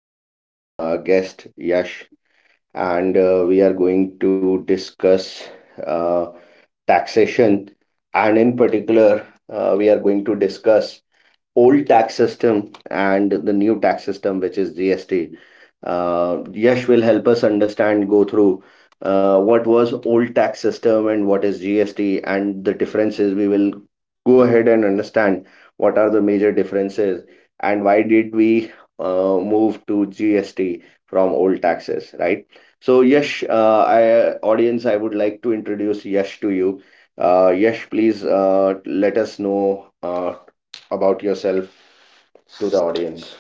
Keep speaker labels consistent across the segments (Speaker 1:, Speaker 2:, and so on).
Speaker 1: best guest, Yash, and we are going to discuss uh, taxation, and in particular, we are going to discuss old tax system and the new tax system, which is GST. Yash will help us understand, go through what was old tax system and what is GST and the differences. We will go ahead and understand what are the major differences and why did we move to GST from old taxes, right? So Yash, I, audience, I would like to introduce Yash to you. Yash, please let us know about yourself to the audience.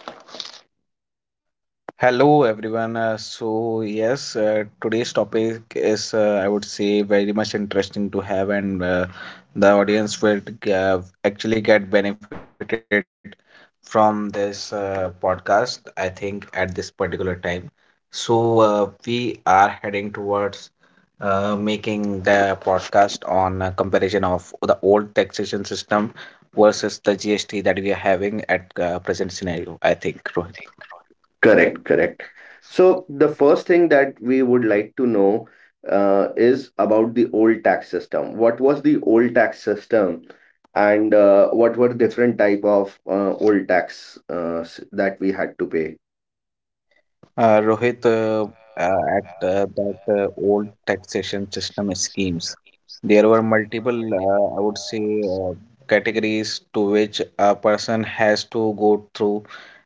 Speaker 2: Hello everyone. So yes, today's topic is I would say very much interesting to have, and the audience will actually get benefited from this podcast. I think at this particular time, so we are heading towards making the podcast on comparison of the old taxation system versus the GST that we are having at present scenario. I think Rohit.
Speaker 1: Correct, correct. So the first thing that we would like to know is about the old tax system. What was the old tax system, and what were different type of old tax that we had to pay?
Speaker 2: Rohit, at that old taxation system schemes, there were multiple, I would say, categories to which a person has to go through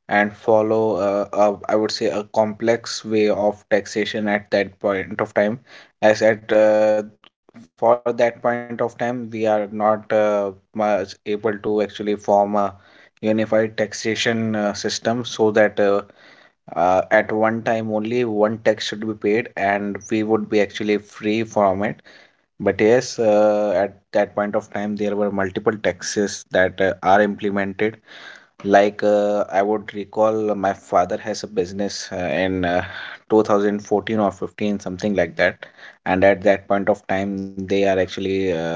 Speaker 2: and follow, a, I would say, a complex way of taxation at that point of time. As at for that point of time, we are not much able to actually form a unified taxation system so that. At one time only one tax should be paid and we would be actually free from it, but yes, at that point of time there were multiple taxes that are implemented, like I would recall, my father has a business in 2014 or 15, something like that. And at that point of time, they are actually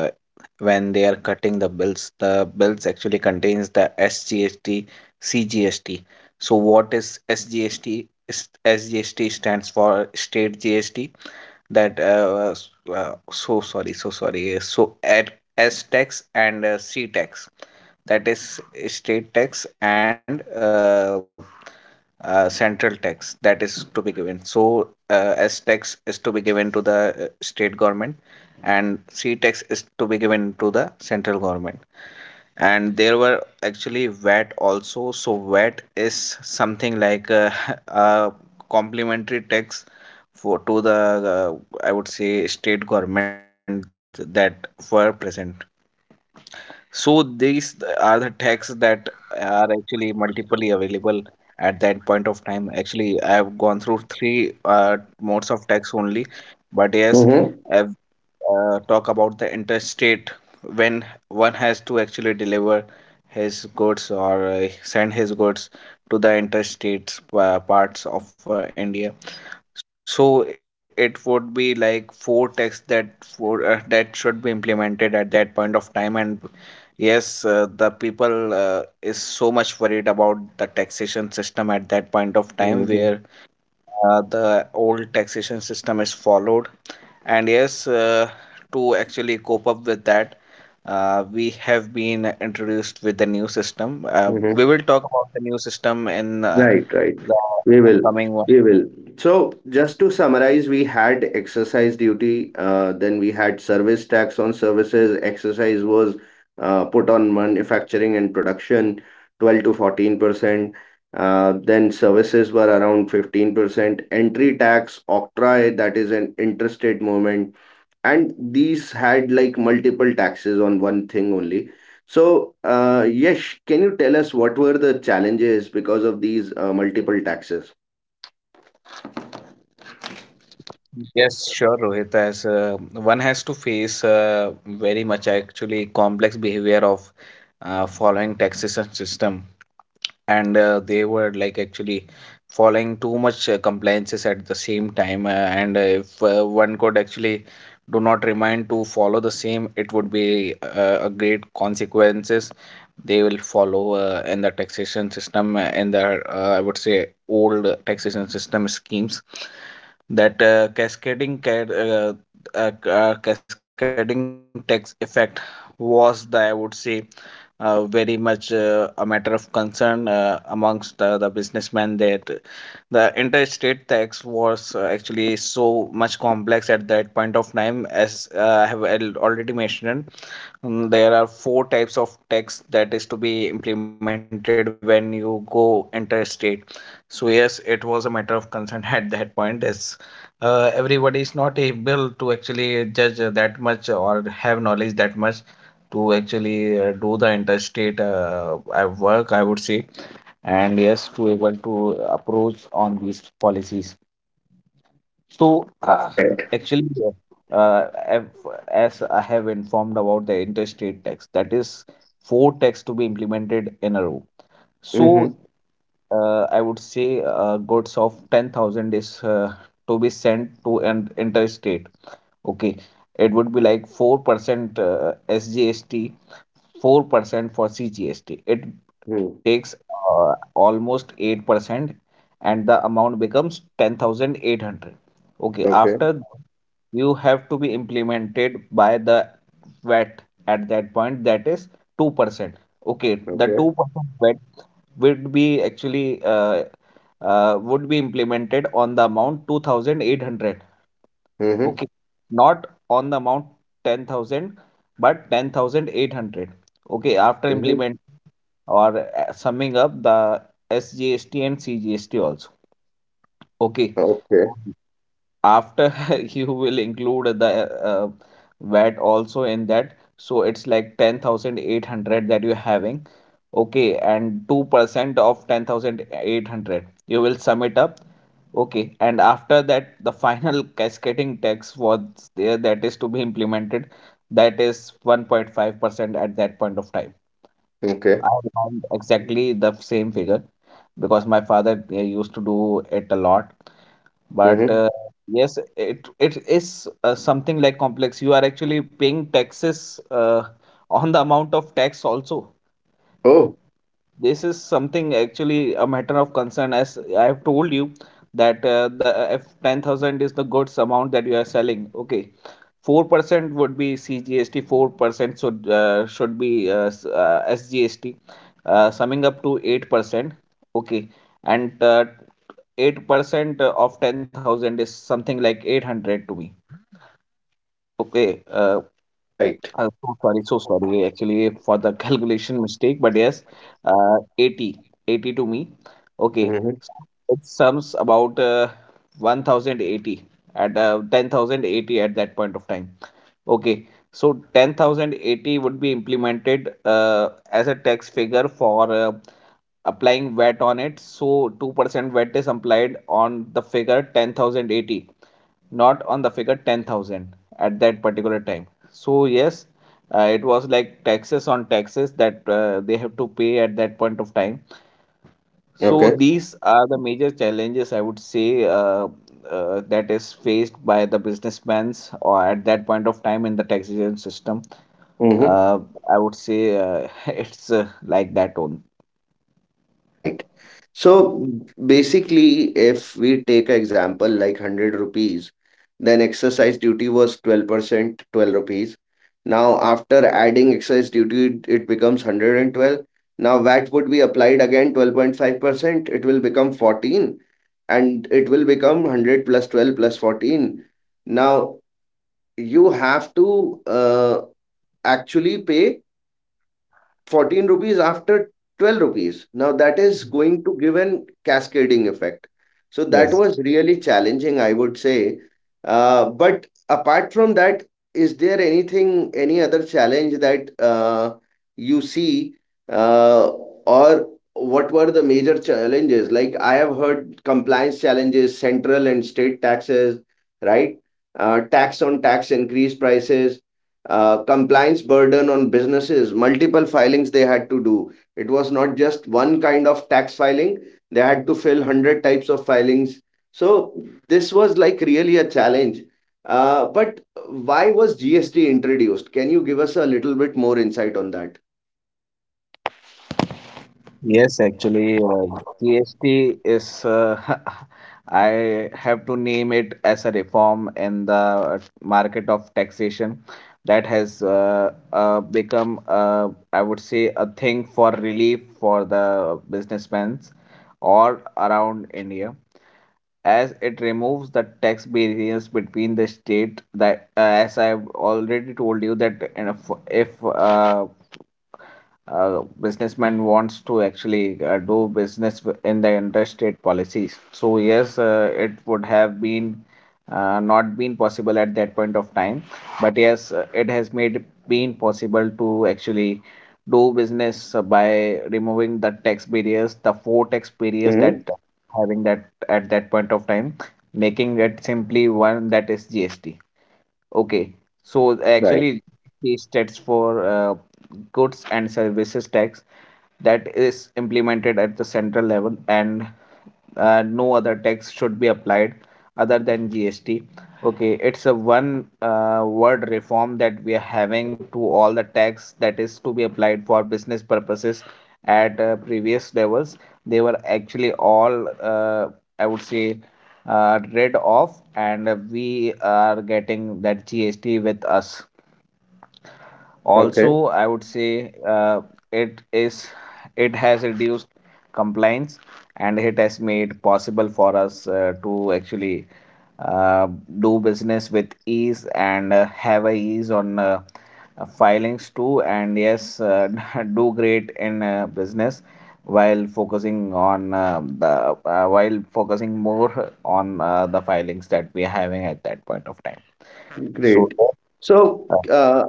Speaker 2: when they are cutting the bills actually contains the SGST, CGST. So what is SGST? SGST stands for State GST, that so at s tax and c tax, that is state tax and central tax that is to be given. So s tax is to be given to the state government, and c tax is to be given to the central government, and there were actually wet also. So wet is something like a, a complimentary tax for to the I would say state government that were present. So these are the taxes that are actually multiply available at that point of time. Actually I have gone through three modes of tax only, but yes,
Speaker 1: Mm-hmm.
Speaker 2: uh, talk about the interstate, when one has to actually deliver his goods or send his goods to the interstate parts of India. So it would be like four texts that for that should be implemented at that point of time. And yes, the people is so much worried about the taxation system at that point of time, where
Speaker 1: Mm-hmm.
Speaker 2: the old taxation system is followed. And yes, to actually cope up with that, we have been introduced with the new system. We will talk about the new system in
Speaker 1: Right, right.
Speaker 2: the
Speaker 1: We will.
Speaker 2: upcoming one.
Speaker 1: We will. So, just to summarize, we had exercise duty, then we had service tax on services. Exercise was put on manufacturing and production, 12 to 14%. Then services were around 15%. Entry tax, octroi, that is an interstate movement, and these had like multiple taxes on one thing only. So, Yash, can you tell us what were the challenges because of these multiple taxes?
Speaker 2: Yes, sure, Rohit. As one has to face very much actually complex behavior of following taxation system, and they were like actually following too much compliances at the same time, and if one could actually do not remind to follow the same, it would be a great consequences they will follow in the taxation system in the I would say old taxation system schemes. That cascading tax effect was the, I would say, very much a matter of concern amongst the businessmen. That the interstate tax was actually so much complex at that point of time, as I have already mentioned. Mm, there are four types of tax that is to be implemented when you go interstate. So yes, it was a matter of consent at that point. As everybody is not able to actually judge that much or have knowledge that much to actually do the interstate work, I would say. And yes, to able to approach on these policies. So,
Speaker 1: Correct.
Speaker 2: actually, as I have informed about the interstate tax, that is four tax to be implemented in a row. So,
Speaker 1: Mm-hmm.
Speaker 2: I would say goods of 10,000 is to be sent to an interstate. Okay, it would be like 4% SGST, 4% for CGST. It
Speaker 1: Hmm.
Speaker 2: takes almost 8% and the amount becomes 10,800. Okay,
Speaker 1: Okay.
Speaker 2: after you have to be implemented by the VAT at that point, that is 2%. Okay, the
Speaker 1: Okay.
Speaker 2: 2% VAT would be actually would be implemented on the amount 2,800.
Speaker 1: Mm-hmm.
Speaker 2: Okay, not on the amount 10,000, but 10,800. Okay, after
Speaker 1: Mm-hmm.
Speaker 2: implement or summing up the SGST and CGST also. Okay,
Speaker 1: Okay.
Speaker 2: after you will include the VAT also in that. So it's like 10,800 that you're having. Okay, and 2% of 10,800, you will sum it up. Okay, and after that, the final cascading tax was there, that is to be implemented. That is 1.5% at that point of time.
Speaker 1: Okay.
Speaker 2: I remember exactly the same figure because my father used to do it a lot. But
Speaker 1: Mm-hmm.
Speaker 2: yes, it is something like complex. You are actually paying taxes on the amount of tax also.
Speaker 1: Oh,
Speaker 2: This is something actually a matter of concern, as I have told you, that the if 10,000 is the goods amount that you are selling, okay, 4% would be cgst, 4% should be sgst, summing up to 8%, okay. And 8% of 10,000 is something like 800 to me, okay. uh,
Speaker 1: right.
Speaker 2: uh, so sorry, so sorry actually for the calculation mistake, but yes, 80, 80 to me. Okay,
Speaker 1: Mm-hmm.
Speaker 2: so it sums about 1080 at 10,080 at that point of time. Okay, so 10,080 would be implemented as a tax figure for applying VAT on it. So 2% VAT is applied on the figure 10,080, not on the figure 10,000 at that particular time. So, yes, it was like taxes on taxes that they have to pay at that point of time. So,
Speaker 1: Okay.
Speaker 2: these are the major challenges I would say that is faced by the businessmen or at that point of time in the taxation system.
Speaker 1: Mm-hmm.
Speaker 2: Uh, I would say it's like that only.
Speaker 1: Right. So basically, if we take an example like 100 rupees, then exercise duty was 12%, 12 rupees. Now, after adding excise duty, it becomes 112. Now, VAT would be applied again 12.5%. It will become 14, and it will become 100 plus 12 plus 14. Now, you have to actually pay 14 rupees after 12 rupees. Now that is going to give an cascading effect. So that
Speaker 2: Yes.
Speaker 1: was really challenging, I would say. But apart from that, is there anything, any other challenge that you see, uh, or what were the major challenges? Like I have heard compliance challenges, central and state taxes, right? Tax on tax increase prices, compliance burden on businesses, multiple filings they had to do. It was not just one kind of tax filing, they had to fill 100 types of filings. So, this was like really a challenge. But why was GST introduced? Can you give us a little bit more insight on that?
Speaker 2: Yes, actually, GST is, I have to name it as a reform in the market of taxation that has become, I would say, a thing for relief for the businessmen all around India, as it removes the tax barriers between the state. That, as I've already told you, that you know, if businessman wants to actually do business in the interstate policies. So yes, it would have been not been possible at that point of time, but yes, it has made been possible to actually do business by removing the tax barriers, the four tax barriers that having that at that point of time, making it simply one that is GST. Okay, so
Speaker 1: Right.
Speaker 2: actually, the stats for goods and services tax that is implemented at the central level, and no other tax should be applied other than GST. Okay, it's a one word reform that we are having to all the tax that is to be applied for business purposes at previous levels. They were actually all, I would say, rid of, and we are getting that GST with us.
Speaker 1: Okay.
Speaker 2: Also I would say it is, it has reduced compliance, and it has made possible for us to actually uh, do business with ease, and have a ease on filings too. And yes, do great in business while focusing on the while focusing more on the filings that we are having at that point of time, so
Speaker 1: Great. So, uh,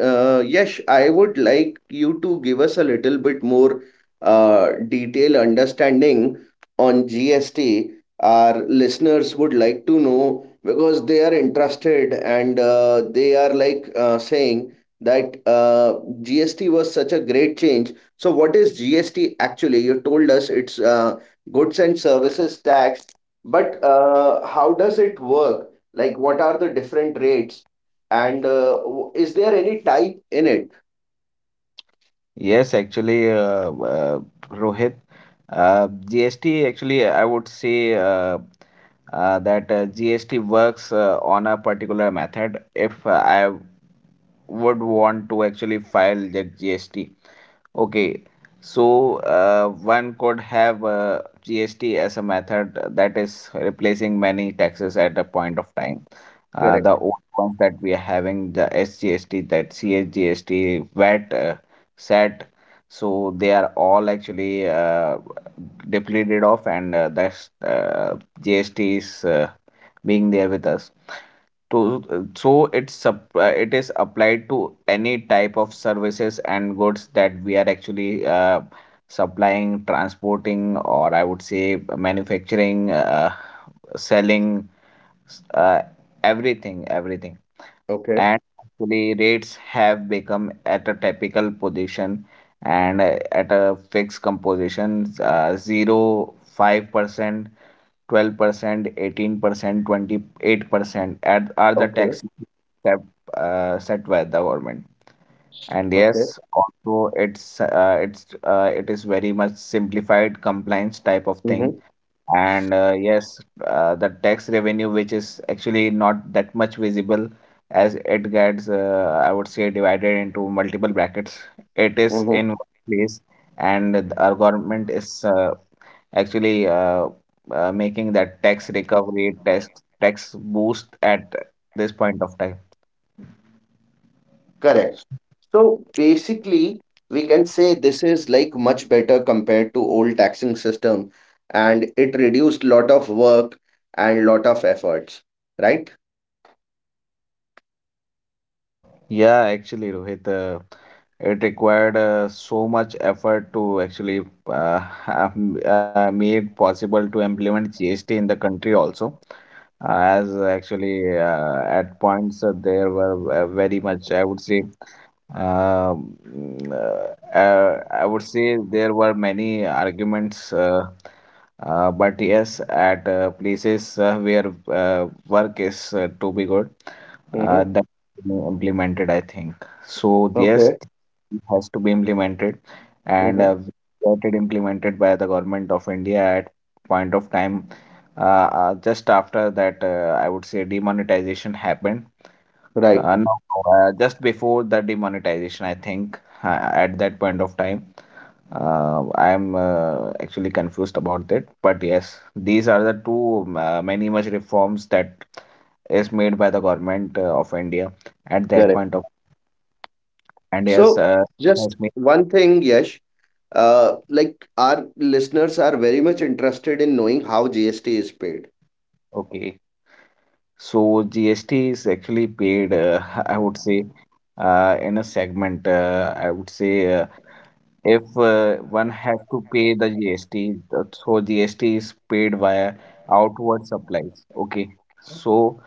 Speaker 1: uh, Yash, I would like you to give us a little bit more detailed understanding on GST. Our listeners would like to know because they are interested and they are like saying that GST was such a great change. So, what is GST actually? You told us it's goods and services tax, but how does it work? Like, what are the different rates? And is there any type in it?
Speaker 2: Yes, actually, Rohit, GST actually, I would say that GST works on a particular method. If I would want to actually file the GST, okay, so one could have GST as a method that is replacing many taxes at a point of time. The
Speaker 1: Correct.
Speaker 2: old ones that we are having, the SGST, that CSGST, VAT, SAT, so they are all actually depleted off, and that's GST is being there with us to, so it is applied to any type of services and goods that we are actually supplying, transporting, or I would say manufacturing, selling, s- uh, everything.
Speaker 1: Okay.
Speaker 2: And actually rates have become at a typical position and at a fixed composition, 0%, 5%, 12%, 18%, 28% at, are the
Speaker 1: Okay.
Speaker 2: taxes set, set by the government. And
Speaker 1: Okay.
Speaker 2: yes, also it's it is very much simplified compliance type of thing.
Speaker 1: Mm-hmm.
Speaker 2: And yes, the tax revenue, which is actually not that much visible, as it gets, I would say, divided into multiple brackets. It is in
Speaker 1: Mm-hmm.
Speaker 2: one place, and our government is actually making that tax recovery tax boost at this point of time.
Speaker 1: Correct. So basically, we can say this is like much better compared to old taxing system, and it reduced lot of work and lot of efforts, right?
Speaker 2: Yeah, actually Rohit, it required so much effort to actually uh, have made possible to implement GST in the country also. As actually at points there were very much I would say Um, I would say there were many arguments, but yes, at places where work is to be good,
Speaker 1: Mm-hmm.
Speaker 2: that being implemented, I think. So yes,
Speaker 1: Okay.
Speaker 2: it has to be implemented, and
Speaker 1: Mm-hmm.
Speaker 2: we got it implemented by the government of India at point of time just after that, I would say demonetization happened.
Speaker 1: Right.
Speaker 2: No, just before the demonetization, I think uh, at that point of time, I'm actually confused about that. But yes, these are the two many much reforms that is made by the government of India at that
Speaker 1: Correct.
Speaker 2: point of. And yes,
Speaker 1: So just
Speaker 2: has made
Speaker 1: one thing, Yash, like our listeners are very much interested in knowing how GST is paid.
Speaker 2: okay. So GST is actually paid, I would say, in a segment. I would say. If one has to pay the GST, so GST is paid via outward supplies. Okay, so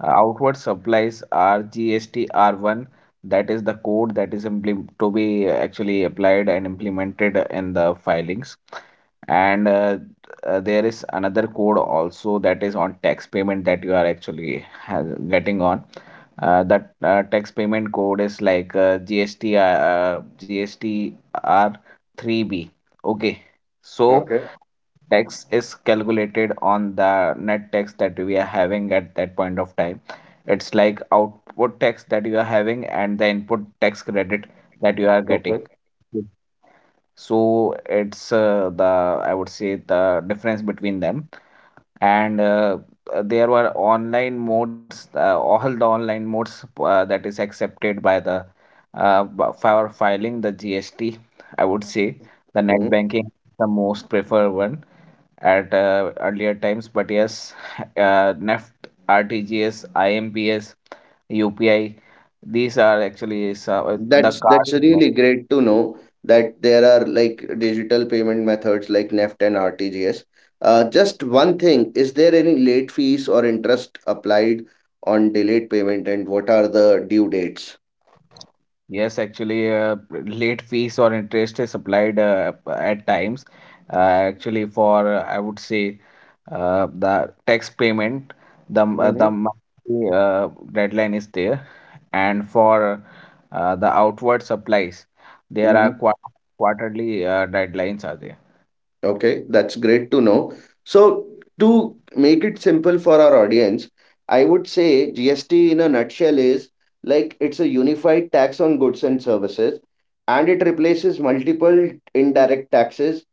Speaker 2: outward supplies are GST, that is the code that is to be actually applied and implemented in the filings. And there is another code also that is on tax payment that you are actually getting on. That tax payment code is like GST GSTR3B. Okay, so
Speaker 1: Okay.
Speaker 2: tax is calculated on the net tax that we are having at that point of time. It's like output tax that you are having and the input tax credit that you are getting.
Speaker 1: Okay.
Speaker 2: So it's the I would say the difference between them. And there were online modes, all the online modes that is accepted by the for filing the GST. I would say the net
Speaker 1: Hmm.
Speaker 2: banking is the most preferred one at earlier times, but yes NEFT, RTGS, IMPS, UPI, these are actually some, the
Speaker 1: That's
Speaker 2: card
Speaker 1: that's
Speaker 2: payment.
Speaker 1: really great to know that there are like digital payment methods like NEFT and RTGS. Just one thing, is there any late fees or interest applied on delayed payment, and what are the due dates?
Speaker 2: Yes, actually, late fees or interest is applied at times, uh, actually for I would say the tax payment, the the
Speaker 1: Mm-hmm.
Speaker 2: monthly, deadline is there. And for the outward supplies, there are quarterly deadlines are there.
Speaker 1: Okay, that's great to know. So, to make it simple for our audience, I would say GST in a nutshell is like it's a unified tax on goods and services, and it replaces multiple indirect taxes.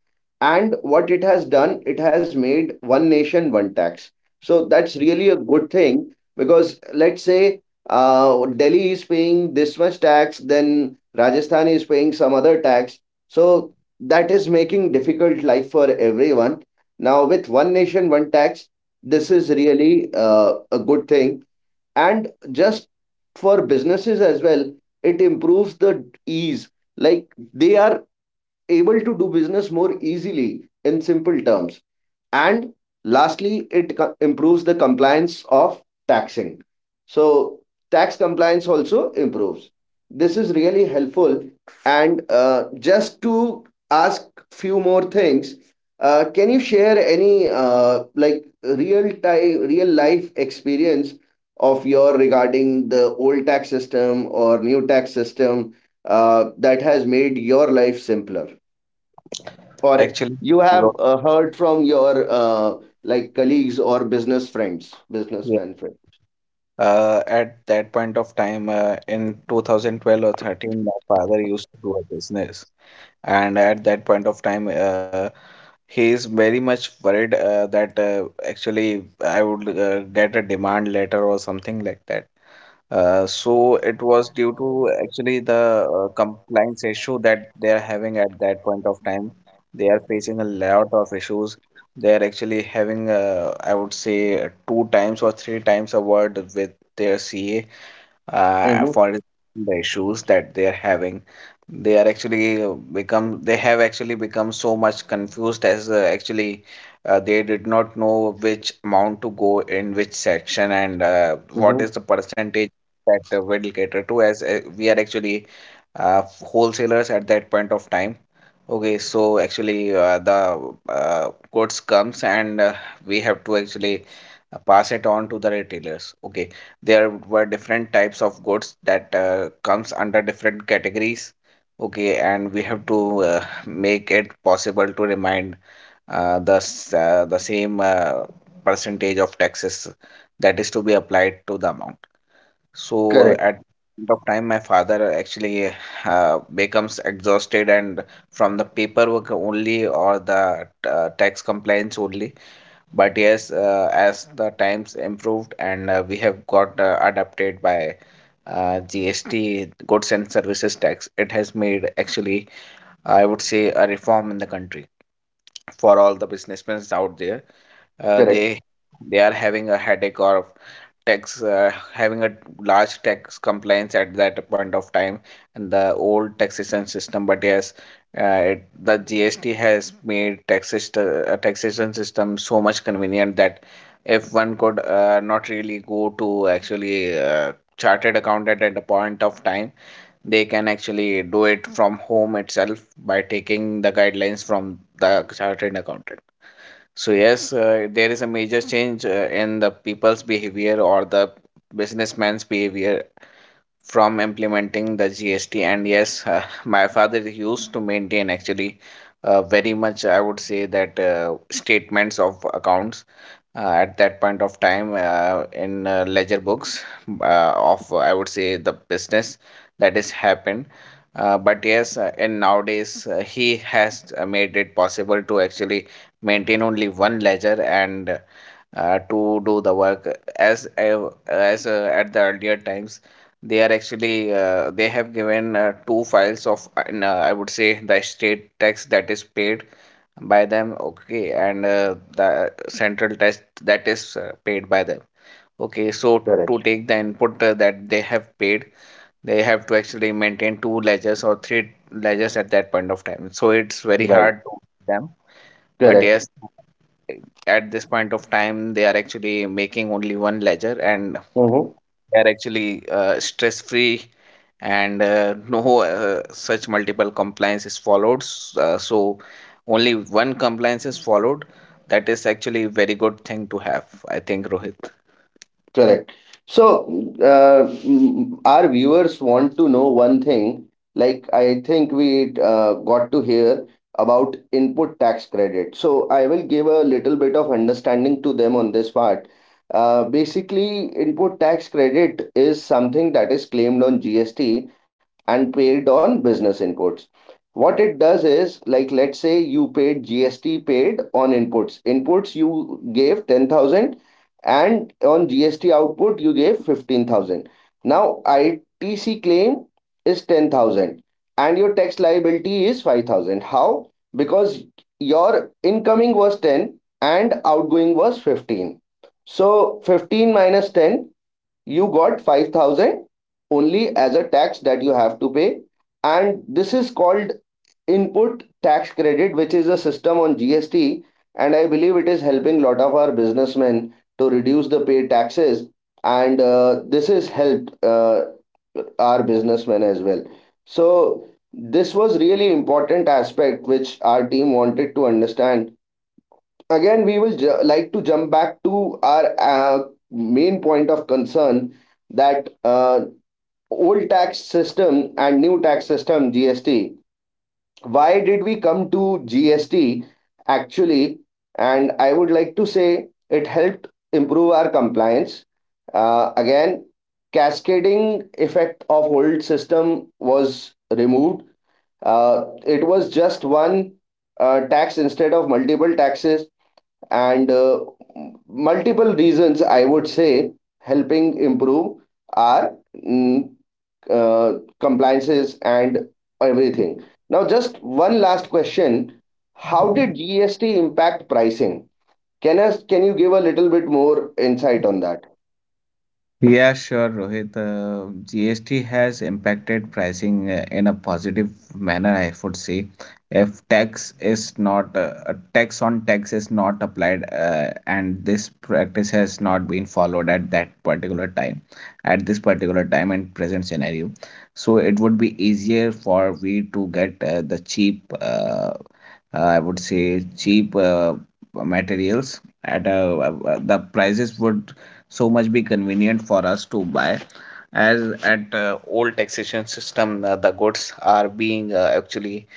Speaker 1: And what it has done, it has made one nation, one tax. So, that's really a good thing, because let's say Delhi is paying this much tax, then Rajasthan is paying some other tax. So that is making difficult life for everyone. Now, with one nation, one tax, this is really a good thing. And just for businesses as well, it improves the ease. Like they are able to do business more easily in simple terms, and lastly it improves the compliance of taxing, so tax compliance also improves. This is really helpful. And just to ask few more things, can you share any like real time real life experience of your regarding the old tax system or new tax system that has made your life simpler, or
Speaker 2: Actually,
Speaker 1: you have
Speaker 2: well,
Speaker 1: heard from your like colleagues or business friends,
Speaker 2: yeah,
Speaker 1: businessmen friend.
Speaker 2: at that point of time, in 2012 or 13, my father used to do a business, and at that point of time, he is very much worried that actually I would get a demand letter or something like that. So it was due to actually the compliance issue that they are having at that point of time. They are facing a lot of issues. They are actually having, I would say, two times or three times a word with their CA
Speaker 1: Mm-hmm.
Speaker 2: for the issues that they are having. They are actually become they have actually become so much confused, as actually they did not know which amount to go in which section and what is
Speaker 1: Mm-hmm.
Speaker 2: the percentage that will cater to, as we are actually wholesalers at that point of time. Okay, so actually, the goods comes and we have to actually pass it on to the retailers. Okay, there were different types of goods that comes under different categories. Okay, and we have to make it possible to remind the same percentage of taxes that is to be applied to the amount. So
Speaker 1: Correct,
Speaker 2: at end of time, my father actually becomes exhausted, and from the paperwork only or the tax compliance only. But yes, as the times improved and we have got adapted by GST, Goods and Services Tax, it has made actually, I would say, a reform in the country for all the businessmen out there. Uh,
Speaker 1: correct,
Speaker 2: they they are having a headache or tax having a large tax compliance at that point of time and the old taxation system. But yes, it, the GST has made taxation system so much convenient that if one could not really go to actually chartered accountant at a point of time, they can actually do it from home itself by taking the guidelines from the chartered accountant. So yes, there is a major change in the people's behavior or the businessman's behavior from implementing the GST. And yes, my father used to maintain actually very much, I would say that statements of accounts at that point of time in ledger books of I would say the business that is happened. But yes, and nowadays he has made it possible to actually maintain only one ledger and to do the work, as at the earlier times they are actually they have given two files of I would say the estate tax that is paid by them, okay, and the central test that is paid by them, okay, so
Speaker 1: correct.
Speaker 2: to take the input that they have paid, they have to actually maintain two ledgers or three ledgers at that point of time, so it's very
Speaker 1: Right,
Speaker 2: hard to them. But
Speaker 1: correct.
Speaker 2: yes, at this point of time they are actually making only one ledger and
Speaker 1: Mm-hmm.
Speaker 2: they are actually stress free, and no such multiple compliance is followed. So only one compliance is followed, that is actually a very good thing to have, I think, Rohit.
Speaker 1: Correct. So, our viewers want to know one thing. Like, I think we got to hear about input tax credit. So, I will give a little bit of understanding to them on this part. Basically, input tax credit is something that is claimed on GST and paid on business inputs. What it does is, like, let's say you paid GST paid on inputs. Inputs you gave 10,000 and on GST output you gave 15,000. Now ITC claim is 10,000 and your tax liability is 5,000. How? Because your incoming was 10 and outgoing was 15. So 15 minus 10, you got 5,000 only as a tax that you have to pay, and this is called input tax credit, which is a system on GST. And I believe it is helping lot of our businessmen to reduce the paid taxes, and this has helped our businessmen as well. So this was really important aspect which our team wanted to understand. Again, we will like to jump back to our main point of concern, that old tax system and new tax system GST, why did we come to GST actually? And I would like to say it helped improve our compliance. Again, cascading effect of old system was removed. It was just one tax instead of multiple taxes, and multiple reasons I would say helping improve our uh, compliances and everything. Now, just one last question. How did GST impact pricing? Can you give a little bit more insight on that?
Speaker 2: Yeah, sure, Rohit. GST has impacted pricing in a positive manner, I would say. If tax is not a tax on tax is not applied, and this practice has not been followed at that particular time, at this particular time and present scenario, so it would be easier for we to get the cheap, uh, I would say cheap materials at a, the prices would so much be convenient for us to buy, as at old taxation system the goods are being actually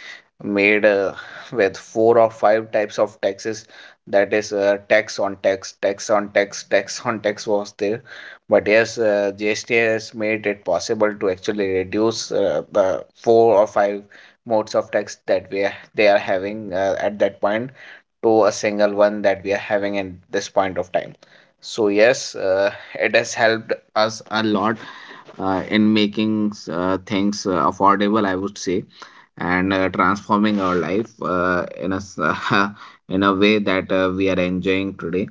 Speaker 2: made with four or five types of taxes, that is tax on tax was there. But yes, GST has made it possible to actually reduce the four or five modes of tax that they are having at that point to a single one that we are having in this point of time. So yes, it has helped us a lot in making things affordable, I would say, and transforming our life in a way that we are enjoying today.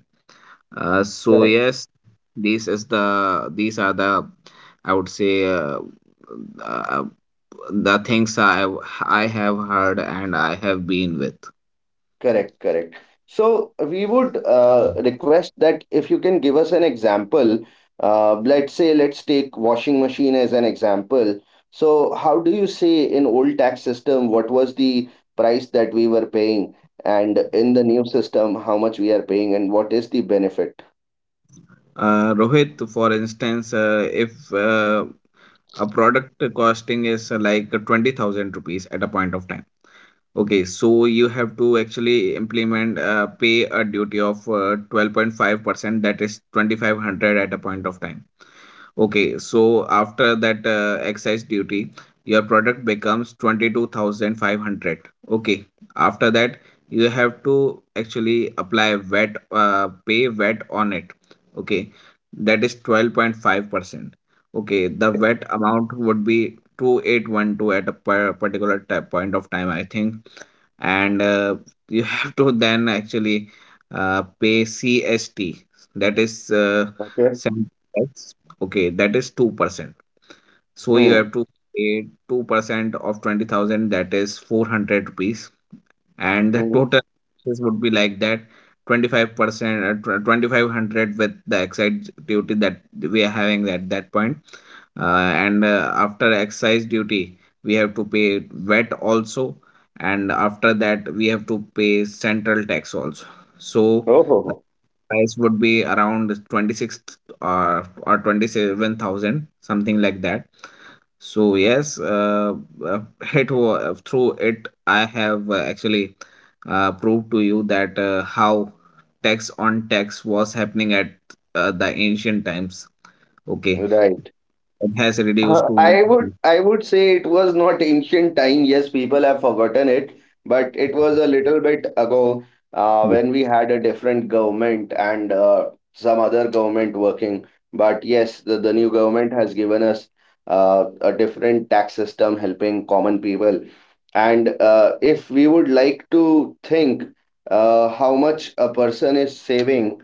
Speaker 2: So
Speaker 1: Correct.
Speaker 2: yes, this is the these are the I would say uh, the things I have heard and I have been with.
Speaker 1: Correct, correct. So we would request that if you can give us an example, let's say, let's take washing machine as an example. So how do you say in old tax system, what was the price that we were paying? And in the new system, how much we are paying and what is the benefit?
Speaker 2: Rohit, for instance, if a product costing is like 20,000 rupees at a point of time. Okay, so you have to actually implement pay a duty of 12.5%, that is 2500 at a point of time. Okay, so after that excise duty, your product becomes 22,500. Okay, after that, you have to actually apply VAT, pay VAT on it. Okay, that is 12.5%. Okay, the
Speaker 1: Okay.
Speaker 2: VAT amount would be 2812 at a particular point of time, I think. And you have to then actually pay CST, that is
Speaker 1: Okay.
Speaker 2: sales tax. Okay, that is 2%. So you
Speaker 1: Hmm.
Speaker 2: have to pay 2% of 20,000, that is 400 rupees. And the
Speaker 1: Hmm.
Speaker 2: total expenses would be like that 25%, 2500 with the excise duty that we are having at that point. And after excise duty, we have to pay VAT also. And after that, we have to pay central tax also. So
Speaker 1: Oh,
Speaker 2: price would be around 26 or 27,000 something like that. So yes, uh, it through it I have actually proved to you that how tax on tax was happening at the ancient times, okay.
Speaker 1: right.
Speaker 2: It has reduced
Speaker 1: Uh,
Speaker 2: to
Speaker 1: I would I would say it was not ancient time. Yes, people have forgotten it, but it was a little bit ago
Speaker 2: yes.
Speaker 1: when we had a different government and some other government working. But yes, the new government has given us a different tax system helping common people. And if we would like to think how much a person is saving,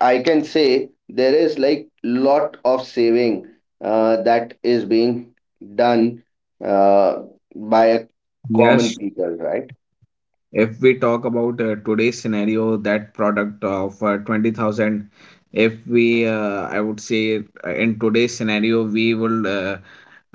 Speaker 1: I can say there is like lot of saving that is being done uh, by a common
Speaker 2: Yes.
Speaker 1: people, right?
Speaker 2: If we talk about today's scenario, that product of 20,000, if we, I would say, in today's scenario, we will uh,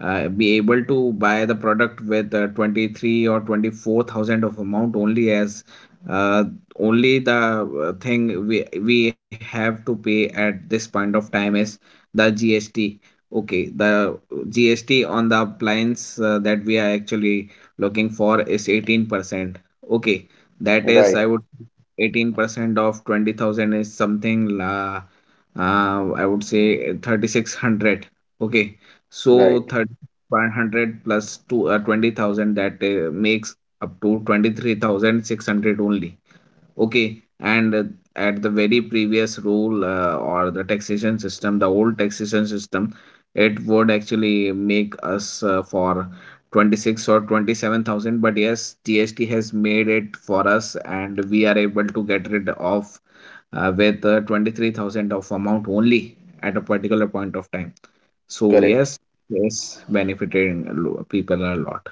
Speaker 2: uh, be able to buy the product with 23 or 24 thousand of amount only, as uh, only the thing we have to pay at this point of time is the GST, okay, the GST on the appliance that we are actually looking for is 18%, okay, that is I
Speaker 1: Right,
Speaker 2: would 18% of 20,000 is something I would say 3600, okay. So
Speaker 1: right,
Speaker 2: 100 plus two, 20,000, that makes up to 23,600 only. Okay, and at the very previous rule or the taxation system, the old taxation system, it would actually make us for 26 or 27,000. But yes, GST has made it for us, and we are able to get rid of with 23,000 of amount only at a particular point of time. So
Speaker 1: correct.
Speaker 2: yes, yes, benefiting a people a lot.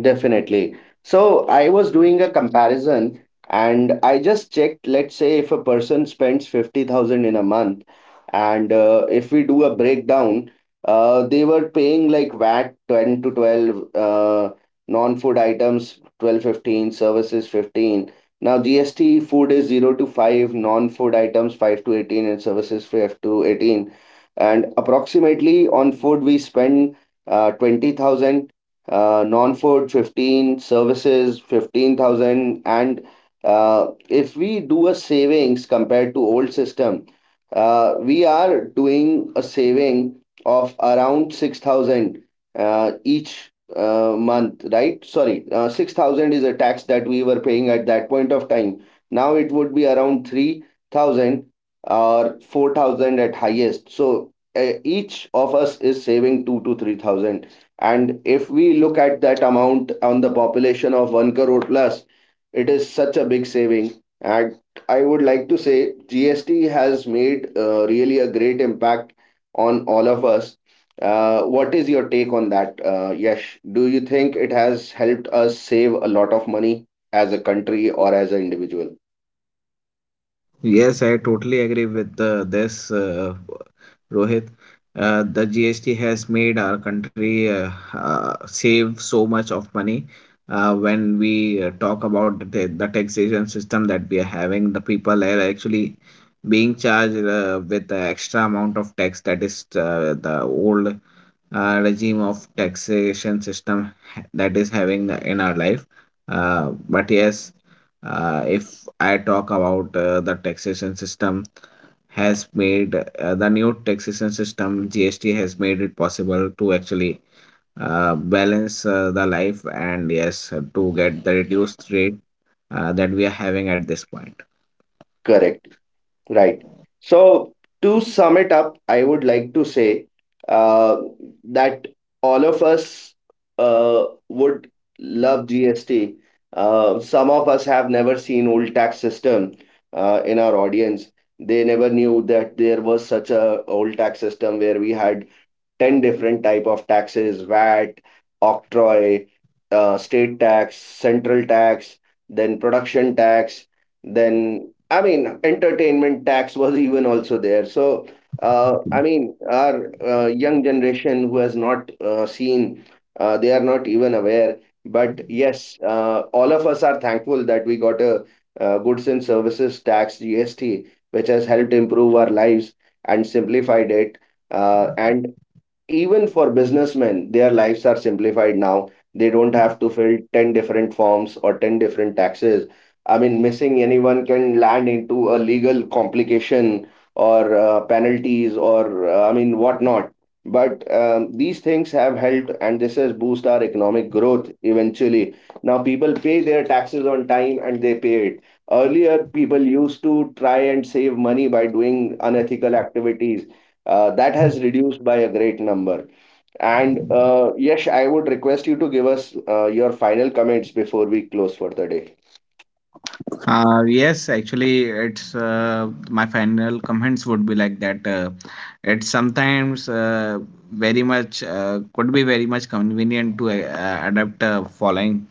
Speaker 1: Definitely. So I was doing a comparison, and I just checked, let's say if a person spends 50,000 in a month, and if we do a breakdown, they were paying like VAT 10 to 12, non-food items 12 15, services 15. Now GST food is 0 to 5, non-food items 5 to 18, and services 5 to 18. And approximately on food we spend 20,000, non-food 15, services 15,000, and if we do a savings compared to old system, we are doing a saving of around 6,000 each month, right? Sorry, 6,000 is a tax that we were paying at that point of time. Now it would be around 3,000 or 4,000 at highest. So each of us is saving 2 to 3,000, and if we look at that amount on the population of 1 crore plus, it is such a big saving. And I would like to say GST has made really a great impact on all of us. What is your take on that, Yash? Do you think it has helped us save a lot of money as a country or as an individual?
Speaker 2: Yes, I totally agree with the, this, Rohit. The GST has made our country save so much of money. When we talk about the, the taxation system that we are having, the people are actually being charged with the extra amount of tax that is the old regime of taxation system that is having in our life. But yes, if I talk about the taxation system has made the new taxation system GST has made it possible to actually balance the life and yes to get the reduced rate that we are having at this point.
Speaker 1: Correct. Right. So to sum it up, I would like to say uh, that all of us would love GST. Some of us have never seen old tax system in our audience. They never knew that there was such a old tax system where we had 10 different type of taxes: VAT, octroi, state tax, central tax, then production tax, then I mean entertainment tax was even also there. So I mean our young generation who has not seen, they are not even aware. But yes, all of us are thankful that we got a goods and services tax, GST, which has helped improve our lives and simplified it. And even for businessmen, their lives are simplified now. They don't have to fill 10 different forms or 10 different taxes. I mean, missing anyone can land into a legal complication or penalties, or I mean, whatnot. But these things have helped, and this has boost our economic growth eventually. Now, people pay their taxes on time and they pay it. Earlier, people used to try and save money by doing unethical activities, that has reduced by a great number. And Yash, I would request you to give us your final comments before we close for the day.
Speaker 2: Yes, actually, it's my final comments would be like that. It's sometimes very much could be very much convenient to adapt following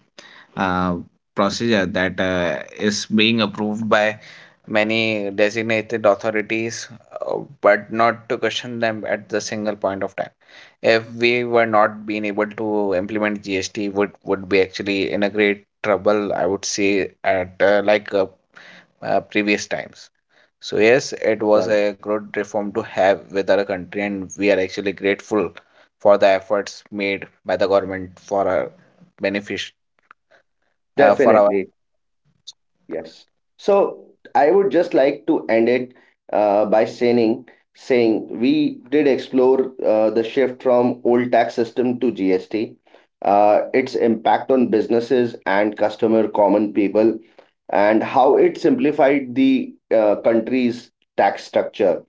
Speaker 2: uh, procedure that is being approved by many designated authorities, uh, but not to question them at the single point of time. If we were not being able to implement GST, would be actually in a great trouble. I would say at like. Previous times. So yes, it was
Speaker 1: Right.
Speaker 2: a good reform to have with our country, and we are actually grateful for the efforts made by the government for our benefit. For our
Speaker 1: Definitely, yes. So I would just like to end it by saying we did explore the shift from old tax system to GST, its impact on businesses and customer common people, and how it simplified the country's tax structure.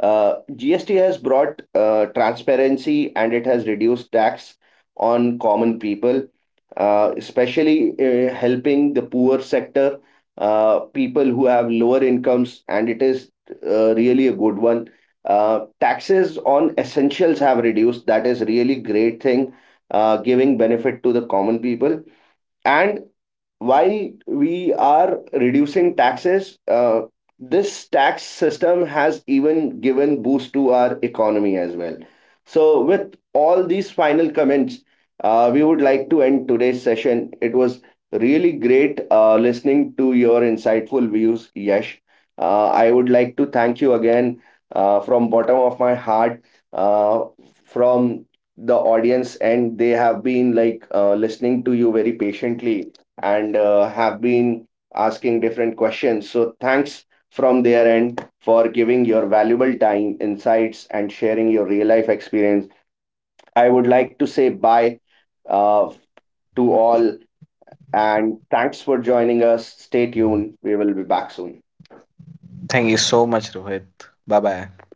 Speaker 1: GST has brought transparency, and it has reduced tax on common people, especially helping the poor sector, people who have lower incomes, and it is really a good one. Taxes on essentials have reduced. That is really great thing, giving benefit to the common people. And while we are reducing taxes, this tax system has even given boost to our economy as well. So, with all these final comments, we would like to end today's session. It was really great listening to your insightful views, Yash. I would like to thank you again from bottom of my heart, uh, from the audience, and they have been like listening to you very patiently, and have been asking different questions. So, thanks from their end for giving your valuable time, insights, and sharing your real life experience. I would like to say bye uh, to all and thanks for joining us. Stay tuned. We will be back soon.
Speaker 2: thank you so much, Rohit. Bye bye.